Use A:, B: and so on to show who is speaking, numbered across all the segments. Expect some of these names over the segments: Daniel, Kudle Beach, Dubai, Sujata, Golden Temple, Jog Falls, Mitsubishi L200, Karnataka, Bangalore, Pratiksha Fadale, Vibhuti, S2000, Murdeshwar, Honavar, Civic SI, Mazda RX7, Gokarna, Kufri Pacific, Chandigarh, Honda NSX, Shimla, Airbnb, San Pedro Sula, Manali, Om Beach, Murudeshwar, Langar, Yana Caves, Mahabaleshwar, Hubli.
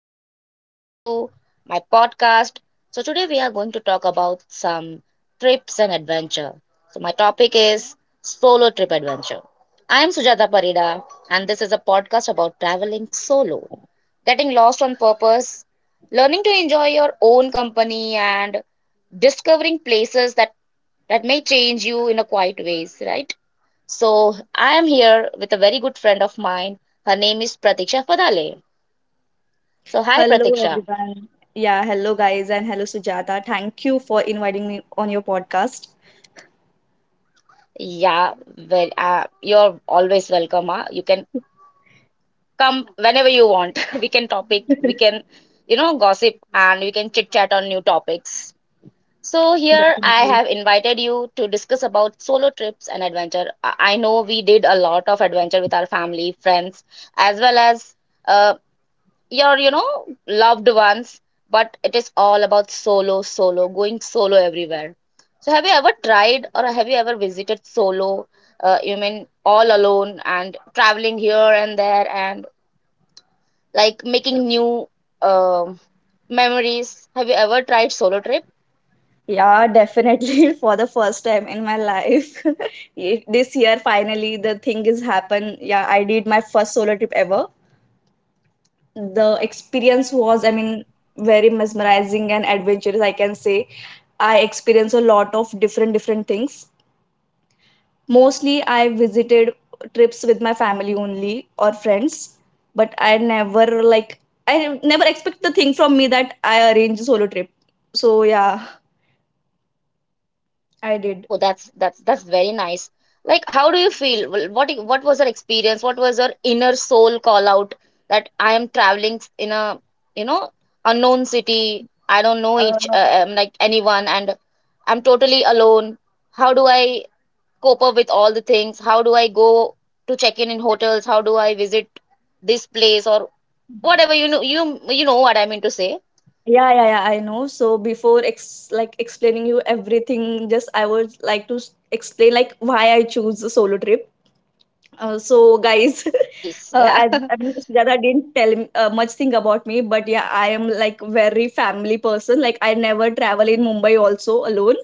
A: Hi and welcome to my podcast. So today we are going to talk about some trips and adventure. So my topic is solo trip adventure. I am Sujata Parida and this is a podcast about traveling solo, getting lost on purpose, learning to enjoy your own company and discovering places that may change you in a quiet ways, right? So I am here with a very good friend of mine. Her name is Pratiksha Fadale. So, hi
B: Hello,
A: Pratiksha.
B: everyone. Yeah, hello, guys, and hello, Sujata. Thank you for inviting me on your podcast.
A: Yeah, well, you're always welcome. Huh? You can come whenever you want. We can topic, we can, gossip and we can chit chat on new topics. So, here I
B: Definitely.
A: have invited you to discuss about solo trips and adventure. I know we did a lot of adventure with our family, friends, as well as uh, your loved ones, but it is all about solo, solo going solo everywhere. So have you ever tried or have you ever visited solo, you mean all alone and traveling here and there and like making new um memories? Have you ever tried solo trip?
B: Yeah, definitely. For the first time in my life, this year, finally, the thing is happened. Yeah, I did my first solo trip ever. The experience was, I mean, very mesmerizing and adventurous, I can say. I experienced a lot of different things. Mostly, I visited trips with my family only or friends, but I never expect the thing from me that I arrange a solo trip. So yeah, I did.
A: Oh, that's that's very nice. Like, how do you feel? Well, what was your experience? What was your inner soul call out that I am traveling in a, you know, unknown city. I don't know
B: Uh,
A: each like anyone, and I'm totally alone. How do I cope up with all the things? How do I go to check in hotels? How do I visit this place or whatever? You you know what I mean to say?
B: yeah, yeah, yeah. I know. So before ex like explaining you everything, just I would like to explain like why I choose a solo trip. So,
A: Yeah,
B: guys,
A: yeah, please. Yeah.
B: as, I mean, Sujata didn't tell much thing about me, but yeah, I am like very family person. Like I never travel in Mumbai also alone.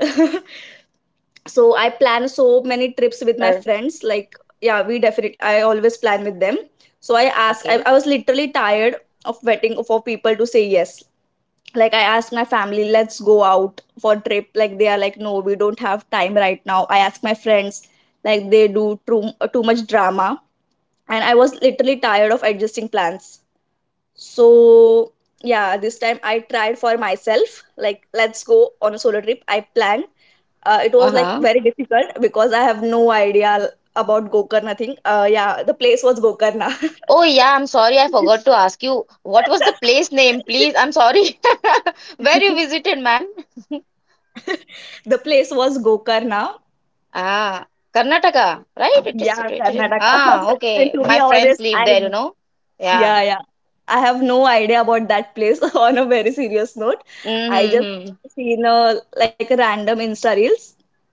B: So I
A: Come
B: plan
A: on,
B: so many trips with my
A: liar.
B: friends. Like yeah, we definitely I always plan with them. So I asked. I,
A: Okay.
B: I was literally tired of waiting for people to say yes. Like I asked my family, let's go out for trip. Like they are like, no, we don't have time right now. I asked my friends, like they do too much drama, and I was literally tired of adjusting plans.
A: Mm-hmm.
B: So, yeah, this time I tried for myself, like, let's go on a solo trip. I planned. It was like
A: Uh-huh.
B: very difficult because I have no idea about Gokarna thing. Yeah, the place was Gokarna.
A: Oh yeah, I'm sorry, I forgot to ask you. What was the place name, please? I'm sorry. Where you visited, man?
B: The place was Gokarna.
A: Ah, Karnataka, right? It is
B: Yeah,
A: situated in.
B: Karnataka.
A: Ah,
B: And
A: okay.
B: to be
A: My friends
B: honest,
A: live
B: I
A: there, you know. Yeah.
B: yeah, yeah, I have no idea about that place. On a very serious note, I just
A: Mm-hmm.
B: seen a random Insta reels.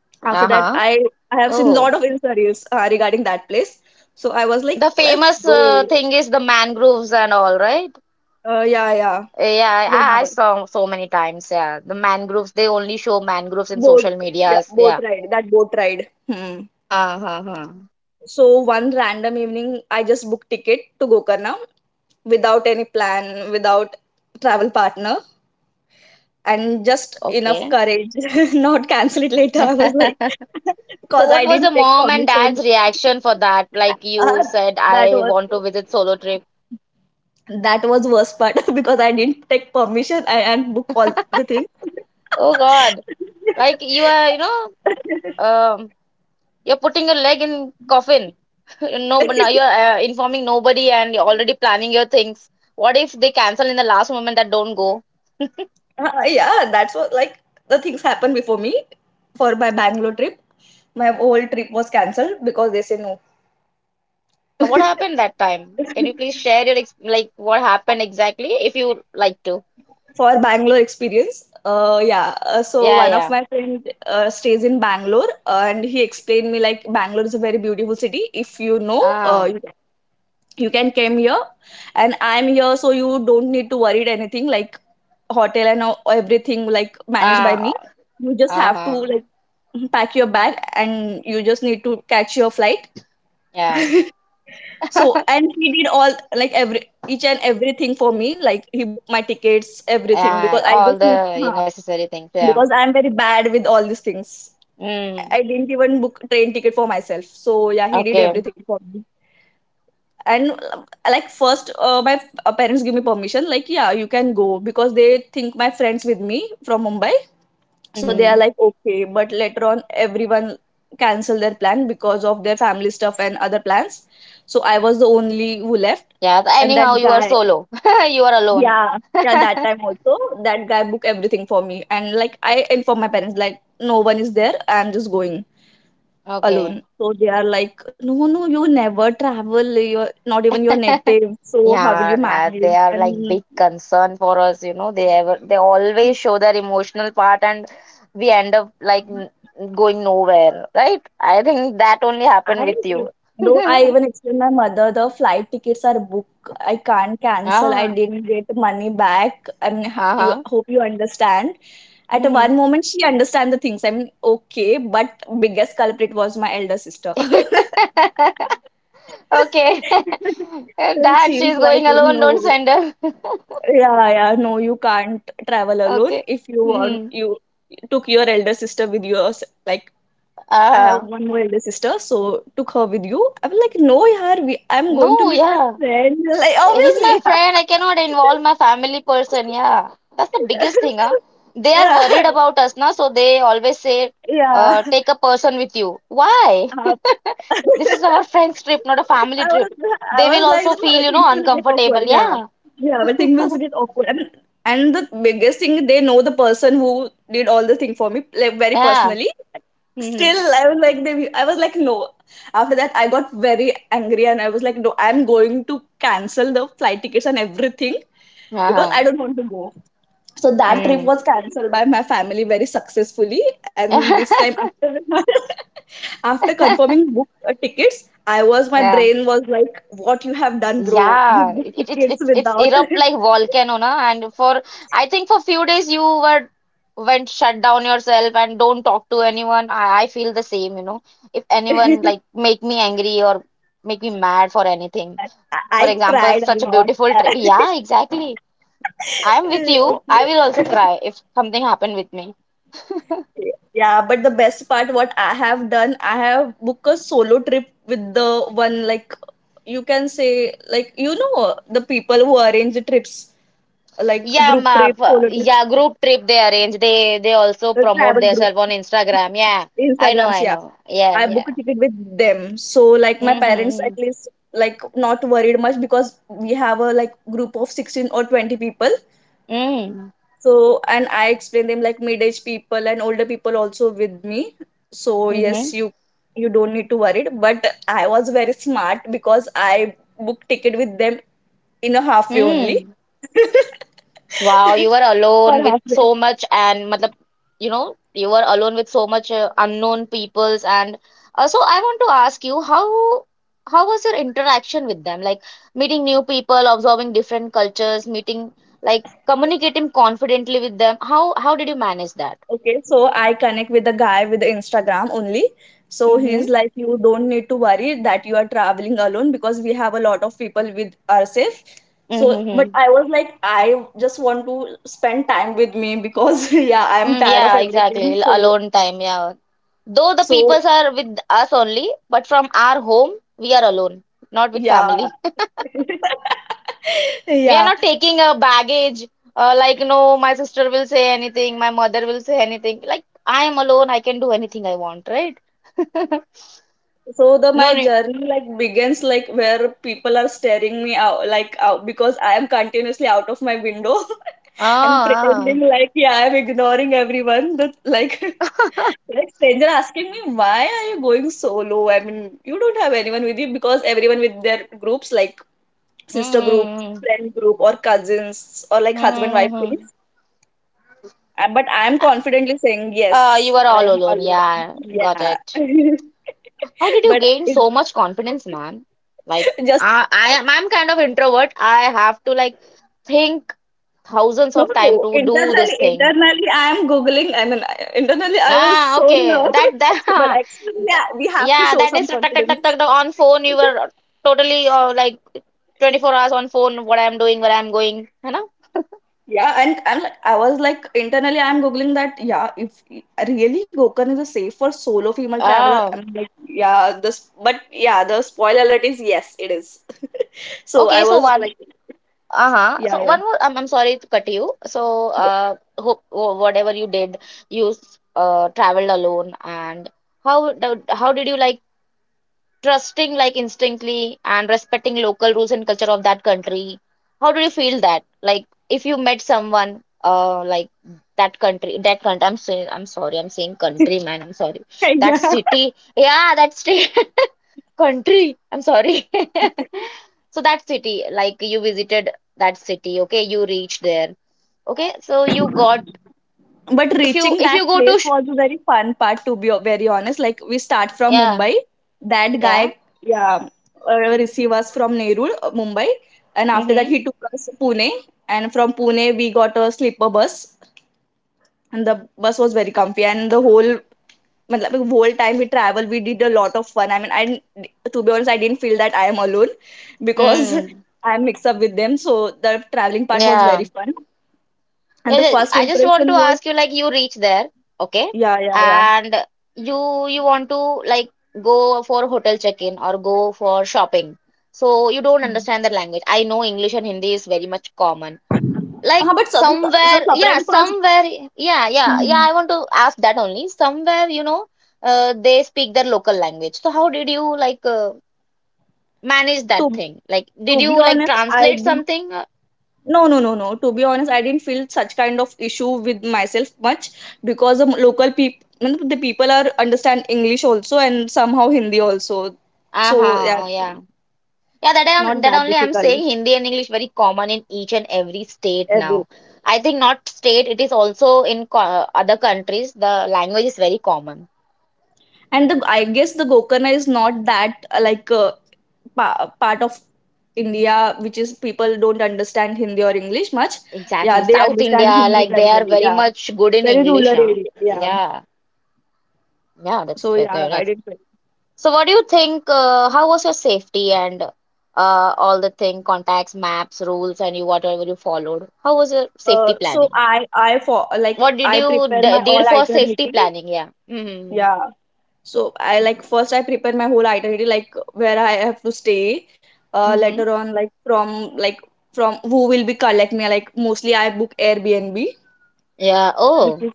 B: After that,
A: Uh-huh.
B: I have seen lot
A: Oh,
B: of Insta reels regarding that place. So I was like,
A: the
B: let's
A: famous
B: go.
A: thing is the mangroves and all, right?
B: Yeah, yeah.
A: Yeah, I
B: Honavar.
A: saw so many times. Yeah, the mangroves. They only show mangroves in
B: Boat,
A: social
B: yeah,
A: medias.
B: boat
A: Yeah.
B: ride. That boat ride. Hmm.
A: Uh-huh. Uh-huh. Uh-huh.
B: So one random evening, I just booked ticket to Gokarna without any plan, without travel partner and
A: Oh,
B: just enough
A: okay.
B: courage not cancel it later. I was like,
A: So
B: because
A: what
B: I
A: was the
B: didn't take
A: mom and
B: permission.
A: dad's reaction for that? Like you
B: Ah,
A: said,
B: that
A: I
B: was
A: want to visit solo trip.
B: that was worst part because I didn't take permission, and book all the things.
A: Oh God, like you are, you know, um, you're putting your leg in coffin. No, but now you're informing nobody and you're already planning your things. What if they cancel in the last moment that don't go?
B: Yeah, that's what, like, the things happened before me for my Bangalore trip. My whole trip was cancelled because they say no.
A: Ah, what happened that time? Can you please share your ex like what happened exactly if you like to?
B: For Bangalore experience. Yeah. So
A: Yeah,
B: one of
A: yeah.
B: my friend stays in Bangalore, and he explained me like Bangalore is a very beautiful city. If you know,
A: Ah,
B: you can come here, and I'm here, so you don't need to worry anything like hotel and everything like managed by me.
A: ah,
B: You just have to
A: uh-huh.
B: like pack your bag, and you just need to catch your flight.
A: Yeah,
B: So and he did all like every each and everything for me. Like he booked my tickets, everything because
A: yeah.
B: I
A: All
B: just need.
A: the necessary things. Yeah.
B: Because I'm very bad with all these things. I
A: Mm,
B: I didn't even book train ticket for myself. So yeah, he did
A: okay.
B: everything for me. And like first, my parents give me permission. Like yeah, you can go because they think my friends with me from Mumbai. So they are
A: Mm-hmm.
B: like okay, but later on, everyone cancel their plan because of their family stuff and other plans. So I was the only who left,
A: Yeah,
B: and that
A: anyhow, you are
B: guy,
A: solo. You are alone.
B: yeah, yeah, that time also, that guy booked everything for me. And like I informed my parents, like, no one is there, I'm just going alone.
A: Okay.
B: So they are like, no, no, you never travel, you're not even your native, so how will you
A: Yeah,
B: manage?
A: they are like
B: And
A: big concern for us, you know. They always show their emotional part and we end up like going nowhere, right? I think that only happened
B: I,
A: with you.
B: though, I even explained my mother the flight tickets are booked. I can't cancel. I
A: Ah,
B: didn't get money back. I mean, you
A: uh-huh.
B: hope you understand. At one
A: Hmm.
B: moment, she understand the things. I mean, okay, but biggest culprit was my elder sister.
A: Okay.
B: So
A: That
B: she's
A: she's
B: like,
A: going alone, don't send her.
B: yeah, yeah, no, you can't travel alone.
A: Okay.
B: If you want,
A: Hmm.
B: you took your elder sister with you. Or like, I have
A: Uh,
B: one more elder sister, so took her with you. I was like, no, yaar, I'm going to
A: no,
B: meet my
A: yeah.
B: friend. Like,
A: He's my
B: obviously.
A: friend. I cannot involve my family person. Yeah, that's the biggest thing. Huh? They are
B: Yeah.
A: worried about us na. So they always say,
B: Yeah.
A: take a person with you. Why?
B: Uh,
A: This is our friend's trip, not a
B: I
A: family
B: was
A: trip.
B: I
A: They will
B: was like
A: also
B: the
A: feel,
B: whole
A: you
B: things
A: know,
B: will get awkward.
A: uncomfortable.
B: Yeah,
A: Yeah,
B: yeah, but things will get awkward. And the biggest thing, they know the person who did all the thing for me like very
A: yeah.
B: personally. Still, I was like they. I was like no. After that, I got very angry and I was like no. I'm going to cancel the flight tickets and everything because
A: Uh-huh.
B: I don't want to go. So that trip
A: Mm.
B: was cancelled by my family very successfully. And this time, after after confirming book tickets, I was my
A: Yeah.
B: brain was like, "What you have done, bro? You
A: Yeah, it,
B: booked
A: it,
B: tickets
A: it's
B: without."
A: erupt like volcano, na? And for I think for few days you were went shut down yourself and don't talk to anyone. I feel the same, you know. If anyone like make me angry or make me mad for anything.
B: I,
A: For
B: I
A: example,
B: cried a
A: such a
B: lot.
A: beautiful trip. Yeah, exactly. I'm with you. I
B: Okay.
A: will also cry if something happened with me.
B: Yeah, but the best part, what I have done, I have booked a solo trip with the one like, you can say, like, you know, the people who arrange the trips. Like
A: Yeah,
B: group
A: ma,
B: trips, solo trips,
A: yeah, group trip they arrange. They also
B: the
A: promote
B: travel group,
A: themselves on Instagram. Yeah, I know,
B: Instagrams.
A: I
B: Yeah,
A: know. Yeah,
B: I book a
A: yeah.
B: ticket with them. So like my parents
A: Mm-hmm.
B: at least like not worried much because we have a like group of 16 or 20 people.
A: Mm.
B: So and I explain them like mid age people and older people also with me. So
A: Mm-hmm.
B: yes, you don't need to worry. But I was very smart because I booked ticket with them in a halfway only.
A: Mm. Wow, you were alone
B: For
A: with
B: half.
A: so much and matlab, you know, you were alone with so much unknown peoples and so I want to ask you how was your interaction with them? Like meeting new people, observing different cultures, meeting like communicating confidently with them. How did you manage that?
B: Okay, so I connect with the guy with the Instagram only. So
A: Mm-hmm.
B: he's like, you don't need to worry that you are traveling alone because we have a lot of people with ourselves. So, but
A: Mm-hmm.
B: I was like, I just want to spend time with me because yeah, I'm
A: Mm,
B: tired of
A: yeah,
B: everything.
A: exactly.
B: So,
A: Alone time, yeah. Though the
B: so
A: peoples are with us only, but from our home, we are alone, not with
B: yeah,
A: family. We are
B: yeah.
A: not taking a baggage, like, no, my sister will say anything, my mother will say anything. Like, I am alone, I can do anything I want, right?
B: So the
A: No
B: my
A: need.
B: journey like begins like where people are staring me out, like, out because I am continuously out of my window. And
A: Ah, ah.
B: pretending like, yeah, I'm ignoring everyone. That, like, like stranger asking me, why are you going solo? I mean, you don't have anyone with you because everyone with their groups, like sister group,
A: Mm-hmm.
B: friend group, or cousins, or
A: Mm-hmm.
B: like husband wife
A: Mm-hmm, mm-hmm.
B: things. But I'm confidently saying yes,
A: You are
B: I
A: all
B: am
A: alone,
B: alone,
A: yeah, got
B: yeah.
A: it. How did you
B: But
A: gain
B: it,
A: so much confidence, man? Like,
B: just,
A: I am, I'm kind of introvert. I have to like think thousands
B: no,
A: of time
B: no.
A: to do this
B: Internally,
A: thing.
B: internally, I am googling. I mean, internally, I was
A: Ah,
B: so
A: okay.
B: nervous.
A: That
B: But
A: that
B: actually, yeah, we have to
A: yeah,
B: show
A: that
B: some
A: is tuck, tuck, tuck,
B: confidence.
A: tuck, tuck. On phone, you were totally like 24 hours on phone. What I'm doing, where I'm going, you know?
B: Yeah, and like I was like internally, I'm googling that. Yeah, if really Gokan is a safe for solo female traveler.
A: Ah,
B: I'm like, yeah, this, but yeah, the spoiler alert is yes, it is. So
A: okay.
B: I
A: So
B: was
A: one.
B: like,
A: Uh-huh.
B: yeah,
A: So
B: yeah,
A: one more, I'm sorry to cut you. So hope whatever you did, you traveled alone, and how did you like trusting like instinctly and respecting local rules and culture of that country? How did you feel that? Like if you met someone like that country, I'm saying, I'm sorry, I'm saying
B: yeah,
A: country, man, I'm sorry, that city, yeah, that state. Country, I'm sorry.
B: yeah.
A: So that city, like you visited that city, okay? You reached there, okay? So you got
B: But
A: if you
B: reaching that
A: go
B: place
A: to sh
B: was a very fun part, to be very honest. Like, we start from
A: yeah
B: Mumbai. That guy,
A: yeah
B: yeah, receive us from Nerul, Mumbai, and after that
A: mm-hmm
B: he took us to Pune, and from Pune we got a sleeper bus, and the bus was very comfy, and the whole, matlab, whole time we traveled we did a lot of fun. I mean, I didn't- to be honest, I didn't feel that I am alone because
A: mm
B: I'm mixed up with them. So the traveling part was very
A: yeah.
B: fun, and
A: Yeah,
B: the
A: yeah,
B: first
A: I just want to
B: impression was,
A: ask you like you reach there, okay?
B: yeah, yeah, yeah.
A: And you want to like go for hotel check-in or go for shopping. So you don't understand the language. I know English and Hindi is very much common. Like
B: But so,
A: somewhere, yeah,
B: surprise was.
A: somewhere, yeah yeah yeah,
B: Mhm.
A: I want to ask that only somewhere, you know, they speak their local language. So how did you like manage
B: to
A: that thing? Like
B: to
A: did
B: be
A: you like
B: honest, I
A: translate
B: didn't.
A: something?
B: No, no, no, no. To be honest, I didn't feel such kind of issue with myself much because the local people, the people are understand English also and somehow Hindi also. So yeah,
A: Huh, yeah yeah, that I am,
B: not
A: that
B: that
A: only I'm
B: difficult.
A: saying Hindi and English very common in each and every state
B: Every-
A: now. I think not state, it is also in co other countries the language is very common.
B: And the I guess the Gokarna is not that part of India which is people don't understand Hindi or English much.
A: Exactly,
B: Yeah, they
A: South
B: understand
A: India,
B: Hindi
A: like
B: very
A: they are
B: well.
A: very
B: Yeah,
A: much good in
B: very rural
A: English, huh,
B: area. Yeah.
A: yeah. Yeah, that's
B: So yeah,
A: very
B: I
A: nice.
B: did.
A: So, what do you think? How was your safety and all the thing, contacts, maps, rules, and you whatever you followed? How was your safety
B: So
A: planning?
B: I for like
A: What did
B: I
A: you
B: prepare
A: d
B: my all
A: did for
B: itinerary.
A: safety planning? Yeah. Mm-hmm.
B: Yeah. So I, like, first I prepare my whole itinerary like where I have to stay.
A: Mm-hmm.
B: Later on, like, from like, from who will be collect me. Like, mostly I book Airbnb,
A: Yeah.
B: which
A: Oh,
B: is,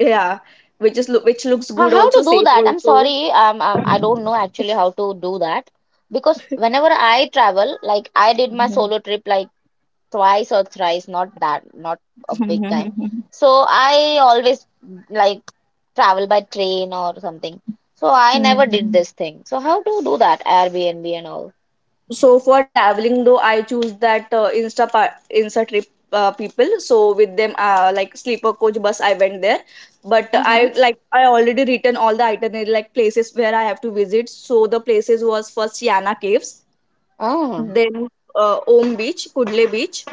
B: yeah, which is which looks good
A: how to
B: also,
A: do
B: safe
A: that? I'm
B: also.
A: sorry. I don't know actually how to do that because whenever I travel, like I did my solo trip like twice or thrice, not that, not a big time. So I always like travel by train or something. So I never did
B: Mhm.
A: this thing. So how to do that? Airbnb and all.
B: So for traveling, though, I choose that insta insta trip people. So with them, like sleeper coach bus, I went there. But
A: Uh-huh.
B: I like, I already written all the itinerary like places where I have to visit. So the places was first Yana caves,
A: Oh.
B: then Om beach, Kudle beach,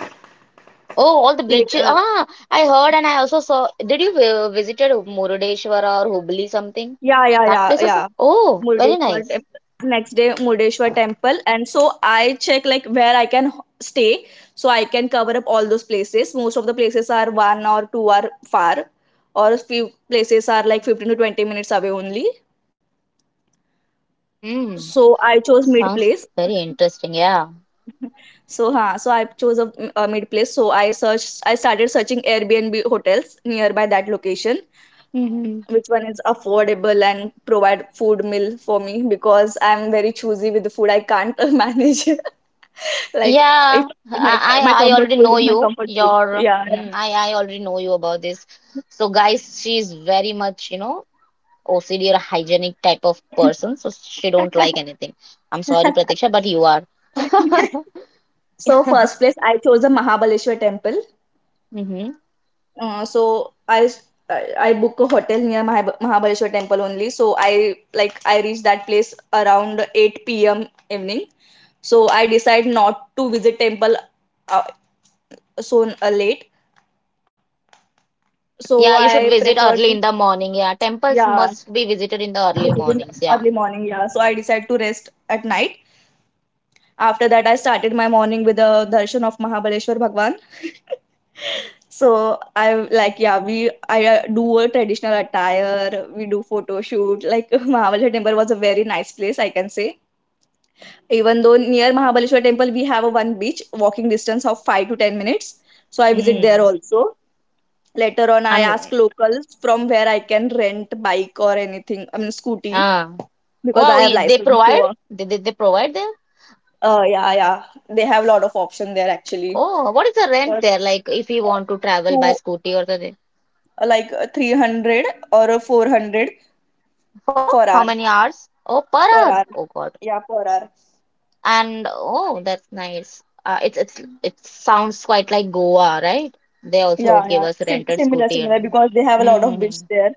A: Oh, all the beaches.
B: later.
A: Ah, I heard and I also saw. Did you visited Murudeshwar or Hubli something?
B: Yeah, yeah,
A: That
B: yeah,
A: place is
B: yeah.
A: oh, very
B: Murdeshwar
A: nice.
B: temple. Next day, Murdeshwar temple. And so I check like where I can stay. So I can cover up all those places. Most of the places are one or two are far. Or a few places are like 15 to 20 minutes away only.
A: Hmm.
B: So I chose mid
A: Sounds
B: place.
A: very interesting. Yeah.
B: So I chose a mid place. So I searched, I started searching Airbnb hotels nearby that location,
A: Hmm.
B: which one is affordable and provide food meal for me because I'm very choosy with the food. I can't manage, like, if
A: Yeah.
B: my
A: I
B: my
A: I I
B: comfort
A: already
B: food
A: know
B: is my
A: you.
B: comfort food,
A: Your
B: yeah, yeah.
A: mm, I already know you about this. So guys, she is very much, you know, OCD or a hygienic type of person, so she don't like anything. I'm sorry, Pratiksha, but you are.
B: So first place I chose the Mahabaleshwar temple.
A: Hmm.
B: Uh, so i s- i I book a hotel near Mahabaleshwar temple only, so I, like, I reach that place around 8 p.m. evening, so I decide not to visit temple. uh, so, late. So
A: Yeah, you
B: I
A: should visit
B: prefer
A: early
B: to,
A: in the morning. Yeah, temples
B: yeah,
A: must be visited in the early
B: visit in the
A: mornings. Yeah.
B: early morning, yeah. So I decide to rest at night. After that, I started my morning with a darshan of Mahabaleshwar Bhagwan. So I, like, yeah, we I do a traditional attire. We do photo shoot. Like, Mahabaleshwar Temple was a very nice place, I can say. Even though near Mahabaleshwar Temple we have a one beach walking distance of 5 to 10 minutes. So I visit there
A: Mm.
B: also. Later on, I
A: And
B: ask locals from where I can rent bike or anything. I mean, scooty,
A: ah,
B: because
A: wow,
B: I have
A: you- they
B: license.
A: provide?
B: So
A: They, they provide there?
B: uh, yeah, yeah, they have a lot of option there actually.
A: Oh, what is the rent
B: But
A: there? Like, if you want to
B: to,
A: travel by scooty or something,
B: like, 300, or, 400
A: for
B: for
A: how
B: hour,
A: many hours? Oh, per
B: for hour.
A: hour. Oh God.
B: Yeah, per hour.
A: And oh, that's nice. It's it sounds quite like Goa, right? They also
B: Yeah,
A: give
B: yeah.
A: us
B: Sim-
A: rented
B: similar,
A: scooty
B: similar
A: and
B: because they have a lot of bids
A: hmm.
B: there.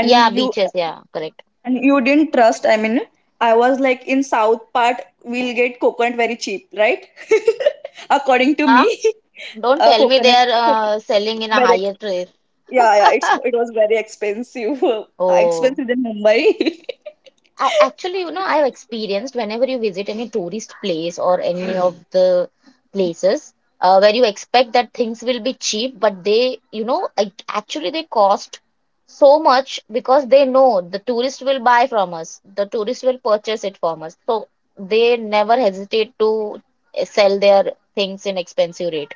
A: Yeah,
B: you
A: beaches. Yeah, correct.
B: and you didn't trust. I mean, I was like in south part we'll get coconut very cheap, right? According to me,
A: Yeah, don't tell me they
B: coconut
A: are selling in a
B: very.
A: higher rate.
B: Yeah, yeah, it was very expensive,
A: Oh.
B: expensive than Mumbai.
A: I actually, you know, I've experienced whenever you visit any tourist place or any of the places where you expect that things will be cheap, but they, you know, actually they cost so much because they know the tourist will buy from us, the tourist will purchase it from us. So they never hesitate to sell their things in expensive rate.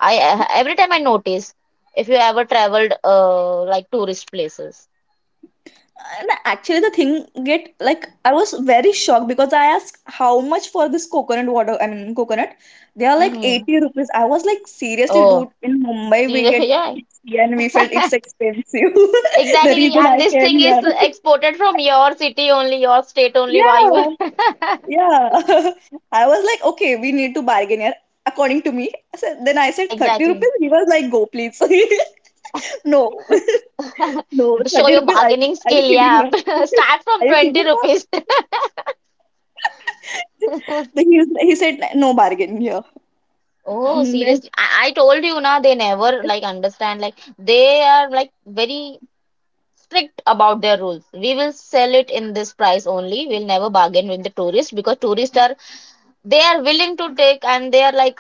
A: Every time I notice if you ever traveled like tourist places.
B: And actually, the thing get, like, I was very shocked because I asked how much for this coconut water. I mean coconut, they are
A: Mm
B: like
A: hmm.
B: 80 rupees. I was like, seriously,
A: Oh,
B: dude, in Mumbai
A: see,
B: we get
A: yeah.
B: 60 and we felt it's expensive. The
A: Exactly,
B: reason
A: and
B: I
A: this
B: came
A: thing is
B: here.
A: exported from your city only, your state only. Why you?
B: Yeah, yeah. I was like, okay, we need to bargain here. According to me, then I said
A: Yeah,
B: 30
A: exactly.
B: rupees. He was like, go please. No. No,
A: Show
B: 30
A: your
B: rupees. Are you,
A: bargaining
B: are you
A: skill.
B: kidding
A: Yeah,
B: me?
A: start from
B: Are you kidding
A: 20
B: me?
A: rupees.
B: Then he said, no bargain here.
A: Oh,
B: And then-
A: seriously. I told you na they never like understand. Like they are like very strict about their rules. We will sell it in this price only. We'll never bargain with the tourists because tourists are they are willing to take and they are like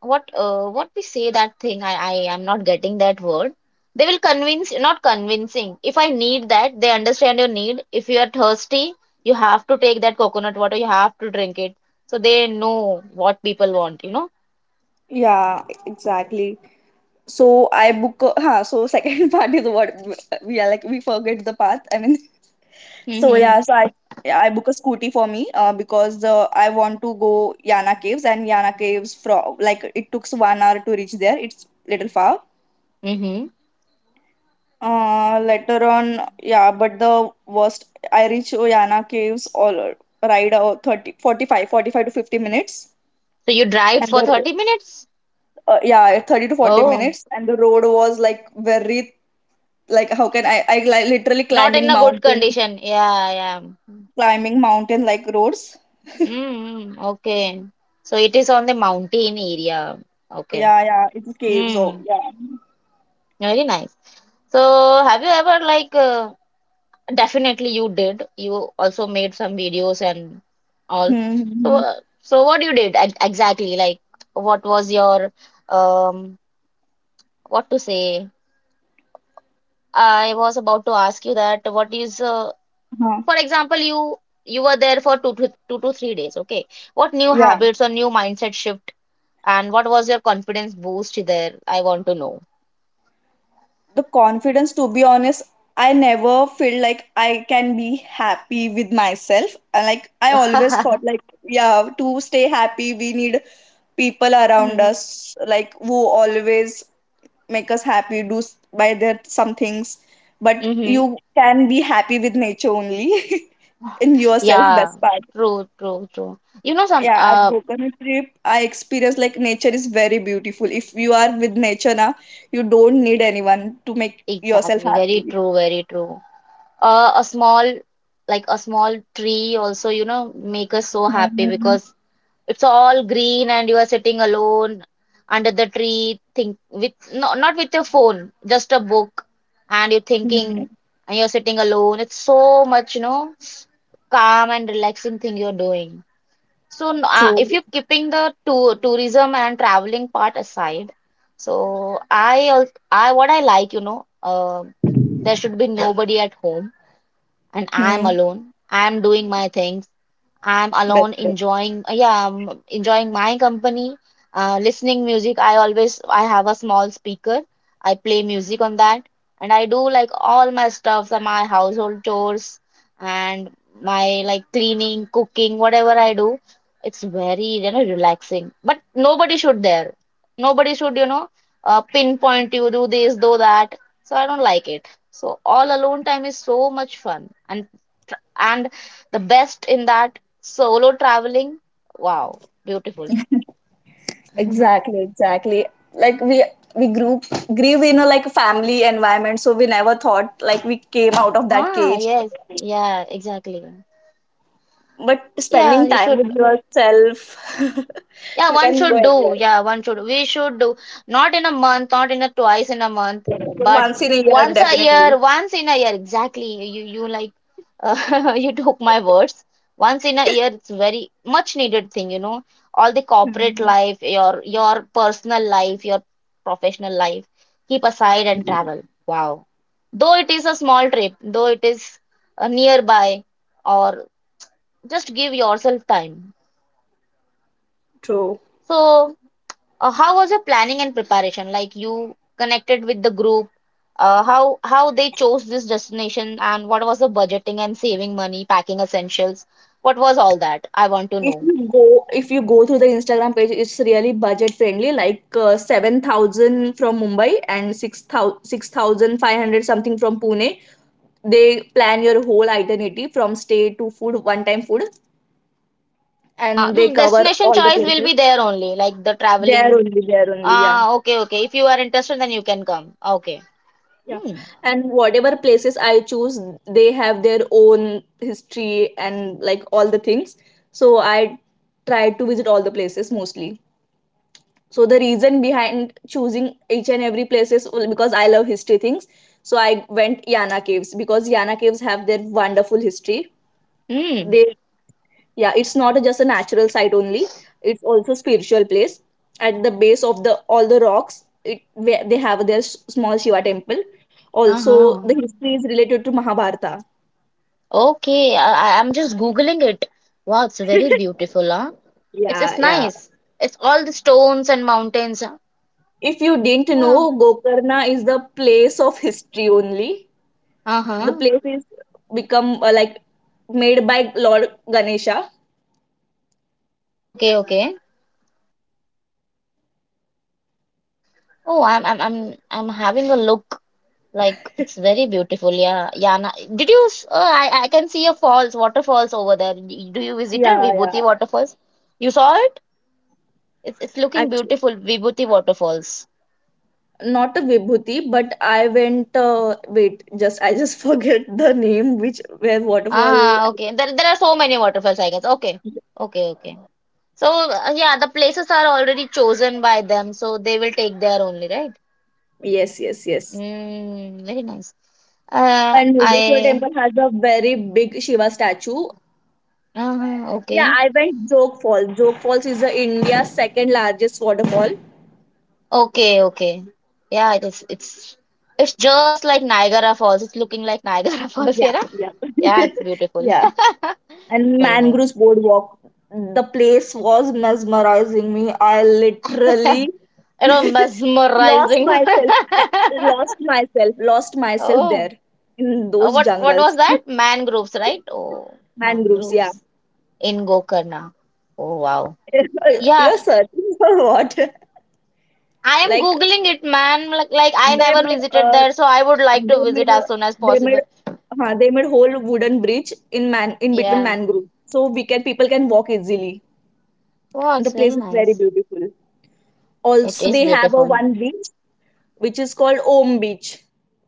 A: what we say that thing I am not getting that word. They will convince, not convincing, if I need that, they understand your need. If you are thirsty, you have to take that coconut water, you have to drink it. They know what people want, you know.
B: Yeah, exactly. So I book, a-, so second part is what we are, like, we forget the path. I mean, so
A: Mm-hmm.
B: yeah, so I book a scooty for me because I want to go Yana Caves, and Yana Caves from, like, it took 1 hour to reach there. It's little far.
A: Mm-hmm.
B: Later on, yeah, but the worst, I reach Oyana Caves all ride 30, 45, 45 to 50 minutes.
A: So you dry it
B: And
A: for
B: the,
A: 30 minutes.
B: yeah, 30 to 40
A: Oh,
B: minutes. And the road was like very, like, how can I literally
A: not in a good condition, yeah, yeah.
B: climbing mountain like roads.
A: Mm-hmm. Okay, so it is on the mountain area. Okay.
B: Yeah, yeah, it's caves. Oh,
A: Mm.
B: yeah.
A: Very nice. So have you ever like definitely you did. You also made some videos and all.
B: Hmm, hmm,
A: So,
B: hmm,
A: so what you did exactly? Like, what was your um, what to say? I was about to ask you that what is
B: huh,
A: for example, you were there for two to three days, okay? What new
B: yeah.
A: habits or new mindset shift and what was your confidence boost there? I want to know.
B: The confidence, to be honest, I never feel like I can be happy with myself, and, like, I always thought, like, yeah, to stay happy we need people around us, like, who always make us happy, by their some things. But
A: Mm-hmm.
B: you can be happy with nature only. In yourself, best
A: Yeah,
B: part.
A: true. You know some
B: Yeah, at Gokarna trip I experienced, like, nature is very beautiful. If you are with nature now, you don't need anyone to make yourself
A: exactly. Very
B: happy.
A: true. Very true. A small, like a small tree also, you know, make us so happy
B: Mm,
A: because it's all green and you are sitting alone under the tree, think with no, not with your phone, just a book, and you're
B: mm.
A: thinking and you're sitting alone. It's so much, you know, calm and relaxing thing you're doing. So,
B: True.
A: if you're keeping the to tourism and traveling part aside, so I, what I like, you know, there should be nobody at home, and I'm
B: Mm,
A: alone. I'm doing my things. I'm
B: but,
A: alone
B: but
A: enjoying, yeah, enjoying my company, listening music. I always, I have a small speaker. I play music on that, and I do like all my stuffs, my household chores, and my like cleaning, cooking, whatever I do. It's very, you know, relaxing. But nobody should there. Nobody should, you know, pinpoint you, do this, do that. So I don't like it. So all alone time is so much fun and and the best in that solo traveling? Wow, beautiful.
B: exactly, exactly. Like we grew in a, like, family environment, so we never thought like we came out of that
A: Ah,
B: cage.
A: yes. Yeah, exactly.
B: But
A: Yeah,
B: spending
A: you
B: time
A: should.
B: with yourself,
A: Yeah,
B: you
A: one
B: can go
A: should do.
B: anywhere.
A: Yeah, one should. We should do. Not in a month, not in a twice in a month,
B: But
A: but
B: once in a year,
A: once a year,
B: definitely.
A: once in a year. Exactly. You like you took my words. Once in a year, it's very much needed thing, you know. All the corporate
B: Mm.
A: life, your personal life, your professional life. Keep aside and travel. Wow. Though it is a small trip, though it is nearby, or just give yourself time.
B: True.
A: So how was your planning and preparation? Like you connected with the group, how they chose this destination, and what was the budgeting and saving money, packing essentials? What was all that? I want to
B: If
A: know.
B: you go, if you go through the Instagram page, it's really budget friendly. Like, 7,000 from Mumbai and six thousand six thousand five hundred something from Pune. They plan your whole itinerary from stay to food, one time food, and they
A: The
B: cover
A: destination
B: all the
A: choice will
B: places
A: be there only, like the
B: there
A: traveling.
B: only there only Yeah.
A: Ah, okay. If you are interested, then you can come. Okay.
B: yeah
A: Hmm.
B: and whatever places I choose, they have their own history, and, like, all the things. So I try to visit all the places, mostly. So the reason behind choosing each and every place is, well, because I love history things. So I went Yana Caves because Yana Caves have their wonderful history.
A: Hmm.
B: They, yeah, it's not just a natural site only, it's also spiritual place. At the base of the all the rocks, it, where they have their small Shiva temple also.
A: Uh-huh.
B: The history is related to Mahabharata.
A: Okay. I'm just Googling it. Wow, it's very beautiful, huh? It's
B: Yeah, yeah.
A: nice. It's all the stones and mountains, huh?
B: If you didn't
A: Oh.
B: know, Gokarna is the place of history only.
A: Uh-huh.
B: The place is become, like, made by Lord Ganesha.
A: Okay, okay. Oh, I'm having a look. Like it's very beautiful. Yeah, yeah. Did you? Oh, I can see a falls, waterfalls over there. Do you visit it, Vibhuti
B: Yeah,
A: waterfalls? You saw it? It's
B: yeah.
A: looking beautiful, Vibhuti waterfalls.
B: Not a Vibhuti, but I went, wait, just I just forget the name, which, where waterfall.
A: Ah, okay. There are so many waterfalls, I guess. Okay, okay. So yeah, the places are already chosen by them, so they will take there only, right?
B: Yes, yes, yes.
A: Mm, very nice.
B: And Murudeshwar
A: I.
B: temple has a very big Shiva statue. Yeah,
A: Okay.
B: I went Jog falls. Jog falls is the India's second largest waterfall.
A: Okay, okay. Yeah, it is. It's just like Niagara Falls. It's looking like Niagara Falls here,
B: Yeah,
A: huh?
B: yeah.
A: Yeah, it's beautiful.
B: Yeah. And
A: Very
B: mangroves
A: nice.
B: boardwalk. The place was mesmerizing me. I literally
A: You know,
B: lost
A: mesmerizing.
B: myself. I lost myself, lost myself there,
A: Oh,
B: in those
A: what was
B: jungles.
A: that? Mangroves, right? Oh,
B: Mangroves, yeah.
A: mangroves in Gokarna. Oh, wow. Yeah,
B: You're searching for what?
A: I am
B: Like,
A: Googling it, man. Like I
B: they
A: never
B: made
A: visited
B: uh,
A: there, so I would like to
B: they
A: visit
B: made a,
A: as soon as
B: they made
A: possible.
B: they made whole wooden bridge in man in between
A: Yeah.
B: mangrove so we can people can walk easily.
A: Wow,
B: The
A: it's
B: place
A: very
B: is very
A: nice.
B: beautiful.
A: It
B: Also
A: is
B: they have a
A: beautiful.
B: one beach which is called Om beach.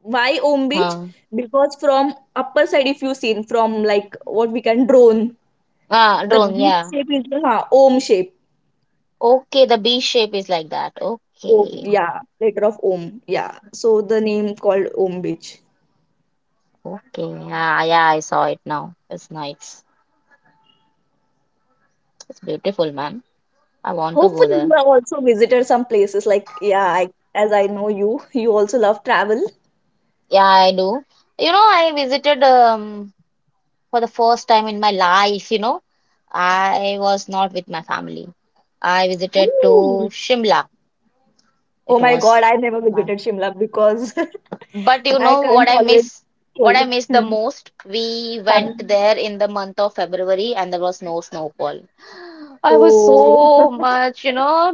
B: Why Om beach?
A: Uh-huh.
B: Because from upper side, if you seen from, like, what we can drone,
A: Ah,
B: the
A: drone,
B: beak
A: yeah.
B: shape is the Om shape.
A: Okay, the B shape is like that.
B: Om,
A: Okay.
B: yeah, letter of Om, yeah. So the name called Om Beach.
A: Okay. Yeah, yeah, I saw it now. It's nice. It's beautiful, man. I want to go
B: Hopefully, you
A: there.
B: have also visited some places, like, yeah. I, as I know you, you also love travel.
A: Yeah, I do. You know, I visited for the first time in my life, you know. I was not with my family. I visited to
B: Ooh.
A: Shimla. It
B: Oh my
A: was
B: God, I never
A: my
B: visited Shimla because
A: but you
B: I
A: know
B: can't tolerate
A: what
B: cold.
A: I miss the
B: Hmm.
A: most? We went
B: Sun.
A: there in the month of February and there was no snowfall. I was
B: Oh,
A: so much, you know,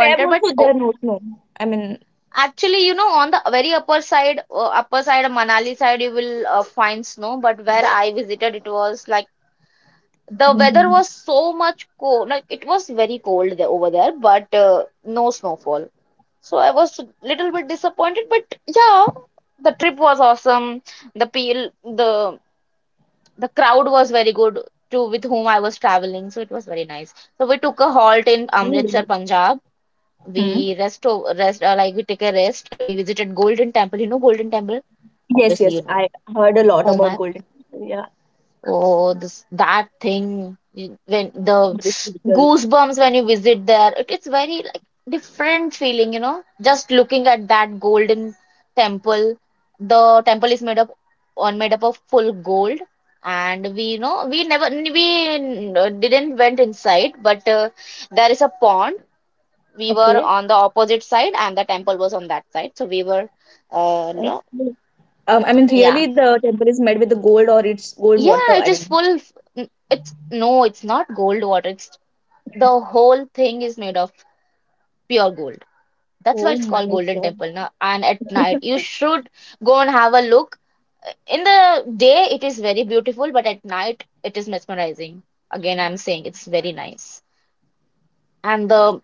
B: Feb
A: But
B: also there
A: oh,
B: no snow. I mean,
A: actually, you know, on the very upper side of Manali side, you will find snow. But where I visited, it was like the weather
B: hmm,
A: was so much cold. Like it was very cold there over there, but no snowfall. So I was little bit disappointed. But yeah, the trip was awesome. The peel, the crowd was very good. To, with whom I was traveling, so it was very nice. So we took a halt in Amritsar, Punjab.
B: hmm.
A: We rest, rest like we take a rest. We visited Golden Temple. You know Golden Temple?
B: Yes,
A: Obviously,
B: yes.
A: you know.
B: I heard a lot
A: Oh
B: about
A: my,
B: Golden Temple, yeah,
A: oh this that when the
B: on this picture.
A: goosebumps when you visit there. It's very like different feeling, you know. Just looking at that Golden Temple. The temple is made up on made up of full gold, and we you know we never we n- didn't went inside, but there is a pond. We were
B: Okay.
A: on the opposite side and the temple was on that side, so we were you
B: Okay.
A: know
B: I mean,
A: yeah
B: really, the temple is made with the gold or it's gold
A: yeah
B: water?
A: it
B: I
A: is
B: mean,
A: it's no, it's not gold water, it's the whole thing is made of pure gold. That's why
B: oh
A: it's
B: my
A: called Golden
B: God.
A: Temple. Now, and at night you should go and have a look. In the day it is very beautiful, but at night it is mesmerizing. Again I'm saying it's very nice. And the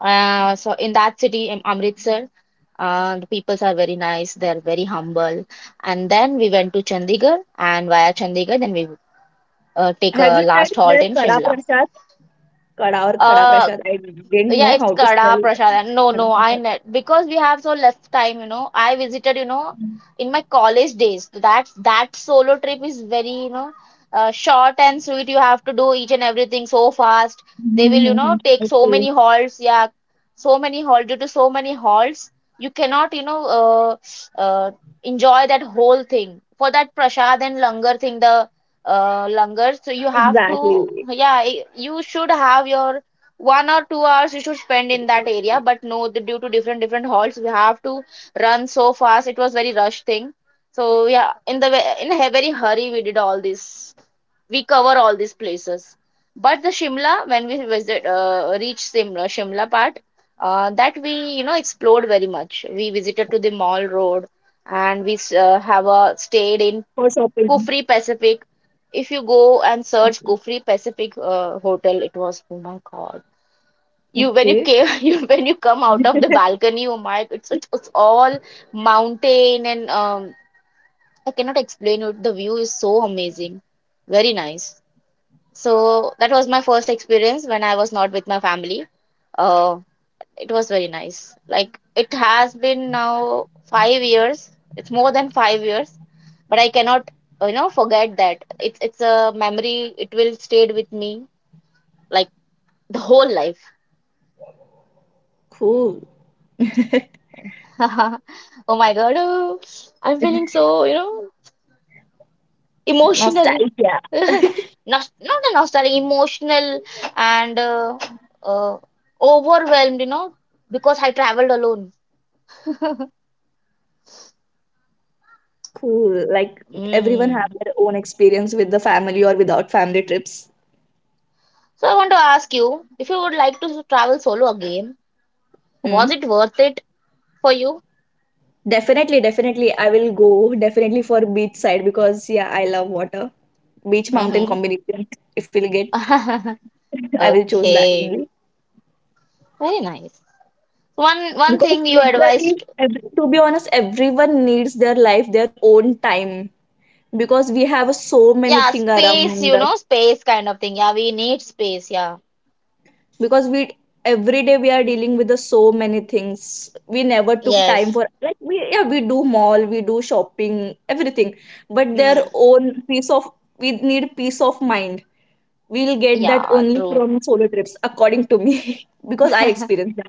A: so in that city in Amritsar, the peoples are very nice. They're very humble. And then we went to Chandigarh, and via Chandigarh, then we take a
B: Have you tried
A: last halt
B: their
A: in
B: kada
A: Shimla.
B: prasad? Kada or khada
A: Uh,
B: prasad? I didn't
A: yeah,
B: know
A: it's
B: how to spell
A: Kada, Prasad. No,
B: kada
A: no, I
B: prasad.
A: net because we have so less time, you know. I visited, you know, in my college days. That's that solo trip is very, you know, short and sweet. You have to do each and everything so fast. They will, you know,
B: Mm-hmm.
A: take so
B: Okay,
A: many halts. Yeah, so many halts. Due to so many halts, you cannot, you know, uh, enjoy that whole thing. For that Prasad and Langar thing, the Langar, so you have to,
B: exactly.
A: yeah, you should have your 1 or 2 hours you should spend in that area, but no, due to different different halts we have to run so fast, it was very rush thing. So yeah, in the in a very hurry we did all this, we cover all these places. But the Shimla, when we visit reach Shimla, Shimla part that we you know explored very much. We visited to the Mall Road and have a
B: For
A: stayed in
B: shopping.
A: Kufri Pacific. If you go
B: Okay.
A: and search Kufri Pacific hotel, it was oh my god, you when
B: Okay.
A: you came you when you come out of the balcony, oh my, it's all mountain and I cannot explain it. The view is so amazing, very nice. So that was my first experience when I was not with my family. Uh, it was very nice. Like it has been now 5 years. It's more than 5 years, but I cannot you know forget that. It's a memory. It will stayed with me like the whole life.
B: Cool.
A: Oh my God, oh, I'm feeling so, you know, emotional.
B: Nostalgia.
A: Not not a nostalgic, emotional and uh, overwhelmed, you know, because I traveled alone.
B: Cool. Like, everyone have
A: Mm.
B: their own experience with the family or without family trips.
A: So I want to ask you, if you would like to travel solo again,
B: Hmm.
A: was it worth it for you?
B: Definitely, definitely. I will go definitely for beach side because, yeah, I love water. Beach mountain
A: Mm-hmm.
B: combination. If we'll get, I will choose that
A: Okay,
B: only.
A: very nice. One one
B: Because
A: thing you advised,
B: literally, to be honest, everyone needs their life, their own time. Because we have so many
A: yeah,
B: things
A: space,
B: around
A: you
B: us.
A: know, space kind of thing. Yeah, we need space. Yeah,
B: Because we, every day we are dealing with the so many things. We never took time
A: yes.
B: for, like, we, yeah, we do mall, we do shopping, everything. But their
A: Mm,
B: own peace of, we need peace of mind. We'll get that
A: yeah,
B: only
A: true.
B: from solo trips, according to me. Because I experienced that.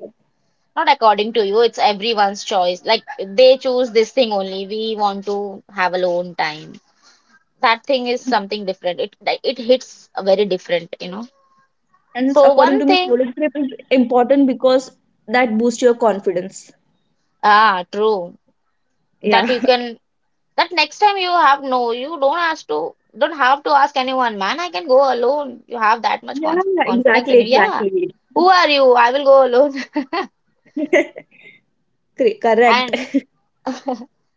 A: Not according to you, it's everyone's choice. Like they choose this thing only. We want to have alone time. That thing is something different. It like, it hits very different, you know.
B: And
A: So
B: according to
A: one
B: me
A: thing,
B: solo trip is important because that boosts your confidence,
A: ah, true. That
B: yeah.
A: you can that next time you have no, you don't ask to don't have to ask anyone, man, I can go alone. You have that much
B: Yeah,
A: confidence
B: exactly,
A: in you. Yeah.
B: exactly.
A: Who are you? I will go alone.
B: Correct.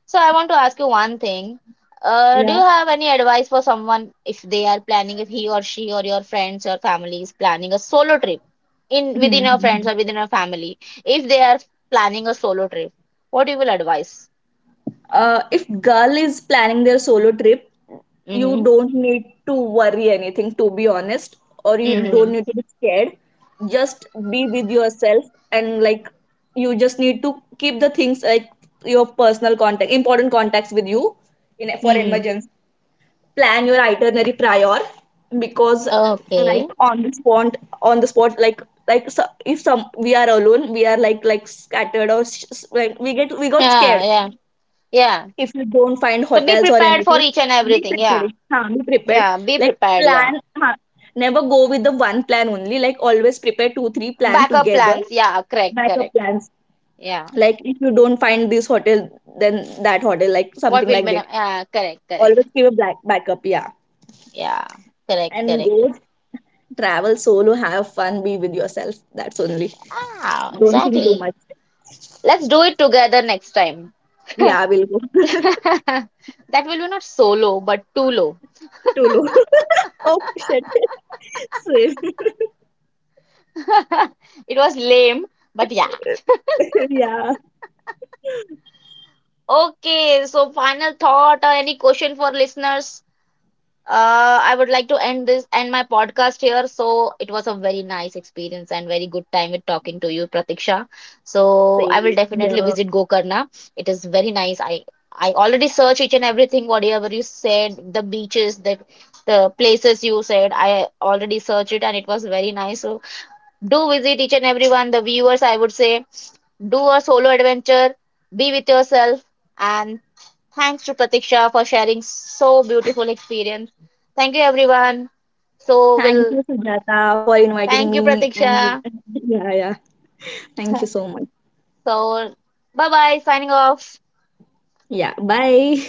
A: So I want to ask you one thing. Do you
B: Yeah.
A: have any advice for someone if they are planning, if he or she or your friends or family is planning a solo trip in within your friends
B: Mhm.
A: or within your family, if they are planning a solo trip, what you will advise?
B: If girl is planning their solo trip, you
A: Mm-hmm.
B: don't need to worry anything, to be honest, or you
A: Mm-hmm.
B: don't need to be scared. Just be with yourself, and, like, you just need to keep the things, like, your personal contact, important contacts with you, in, for
A: Mm-hmm.
B: emergency. Plan your itinerary prior, because,
A: Okay.
B: like, on the spot, if some, we are alone, we are, like scattered, or, like, we got
A: Yeah,
B: scared.
A: yeah.
B: If you don't find
A: So be
B: hotels or
A: prepared for
B: anything,
A: each and
B: be
A: everything. Yeah,
B: prepared. हाँ, be prepared.
A: yeah. Be
B: Like,
A: prepared. Yeah.
B: plan. हाँ, never go with the one plan only. Like, always prepare two three plan
A: Backup
B: together.
A: plans. Yeah,
B: Backup
A: correct.
B: plans.
A: Yeah.
B: Like, if you don't find this hotel, then that hotel. Like,
A: What
B: something
A: will
B: like
A: be?
B: that.
A: Yeah, correct.
B: Always keep a black backup. Yeah.
A: Yeah,
B: And
A: correct.
B: go travel solo. Have fun. Be with yourself. That's only.
A: Ah,
B: Don't think too
A: exactly.
B: much.
A: Let's do it together next time.
B: Yeah, we'll go.
A: That will be not solo, but too low.
B: Too low. Oh, shit. Same.
A: It was lame, but yeah.
B: Yeah.
A: Okay, so final thought or any question for listeners? I would like to end my podcast here. So it was a very nice experience and very good time with talking to you, Pratiksha. So I will
B: Same.
A: definitely
B: Yeah.
A: visit Gokarna. It is very nice. I already searched each and everything whatever you said, the beaches, the places you said. I already searched it and it was very nice. So do visit each and everyone, the viewers. I would say do a solo adventure, be with yourself, and thanks to Pratiksha for sharing so beautiful experience. Thank you everyone. So
B: Thank
A: we'll
B: you, Sujata, for inviting
A: thank you
B: me. And
A: Pratiksha.
B: yeah, yeah. Thank you so much.
A: So bye bye, signing off.
B: Yeah. Bye.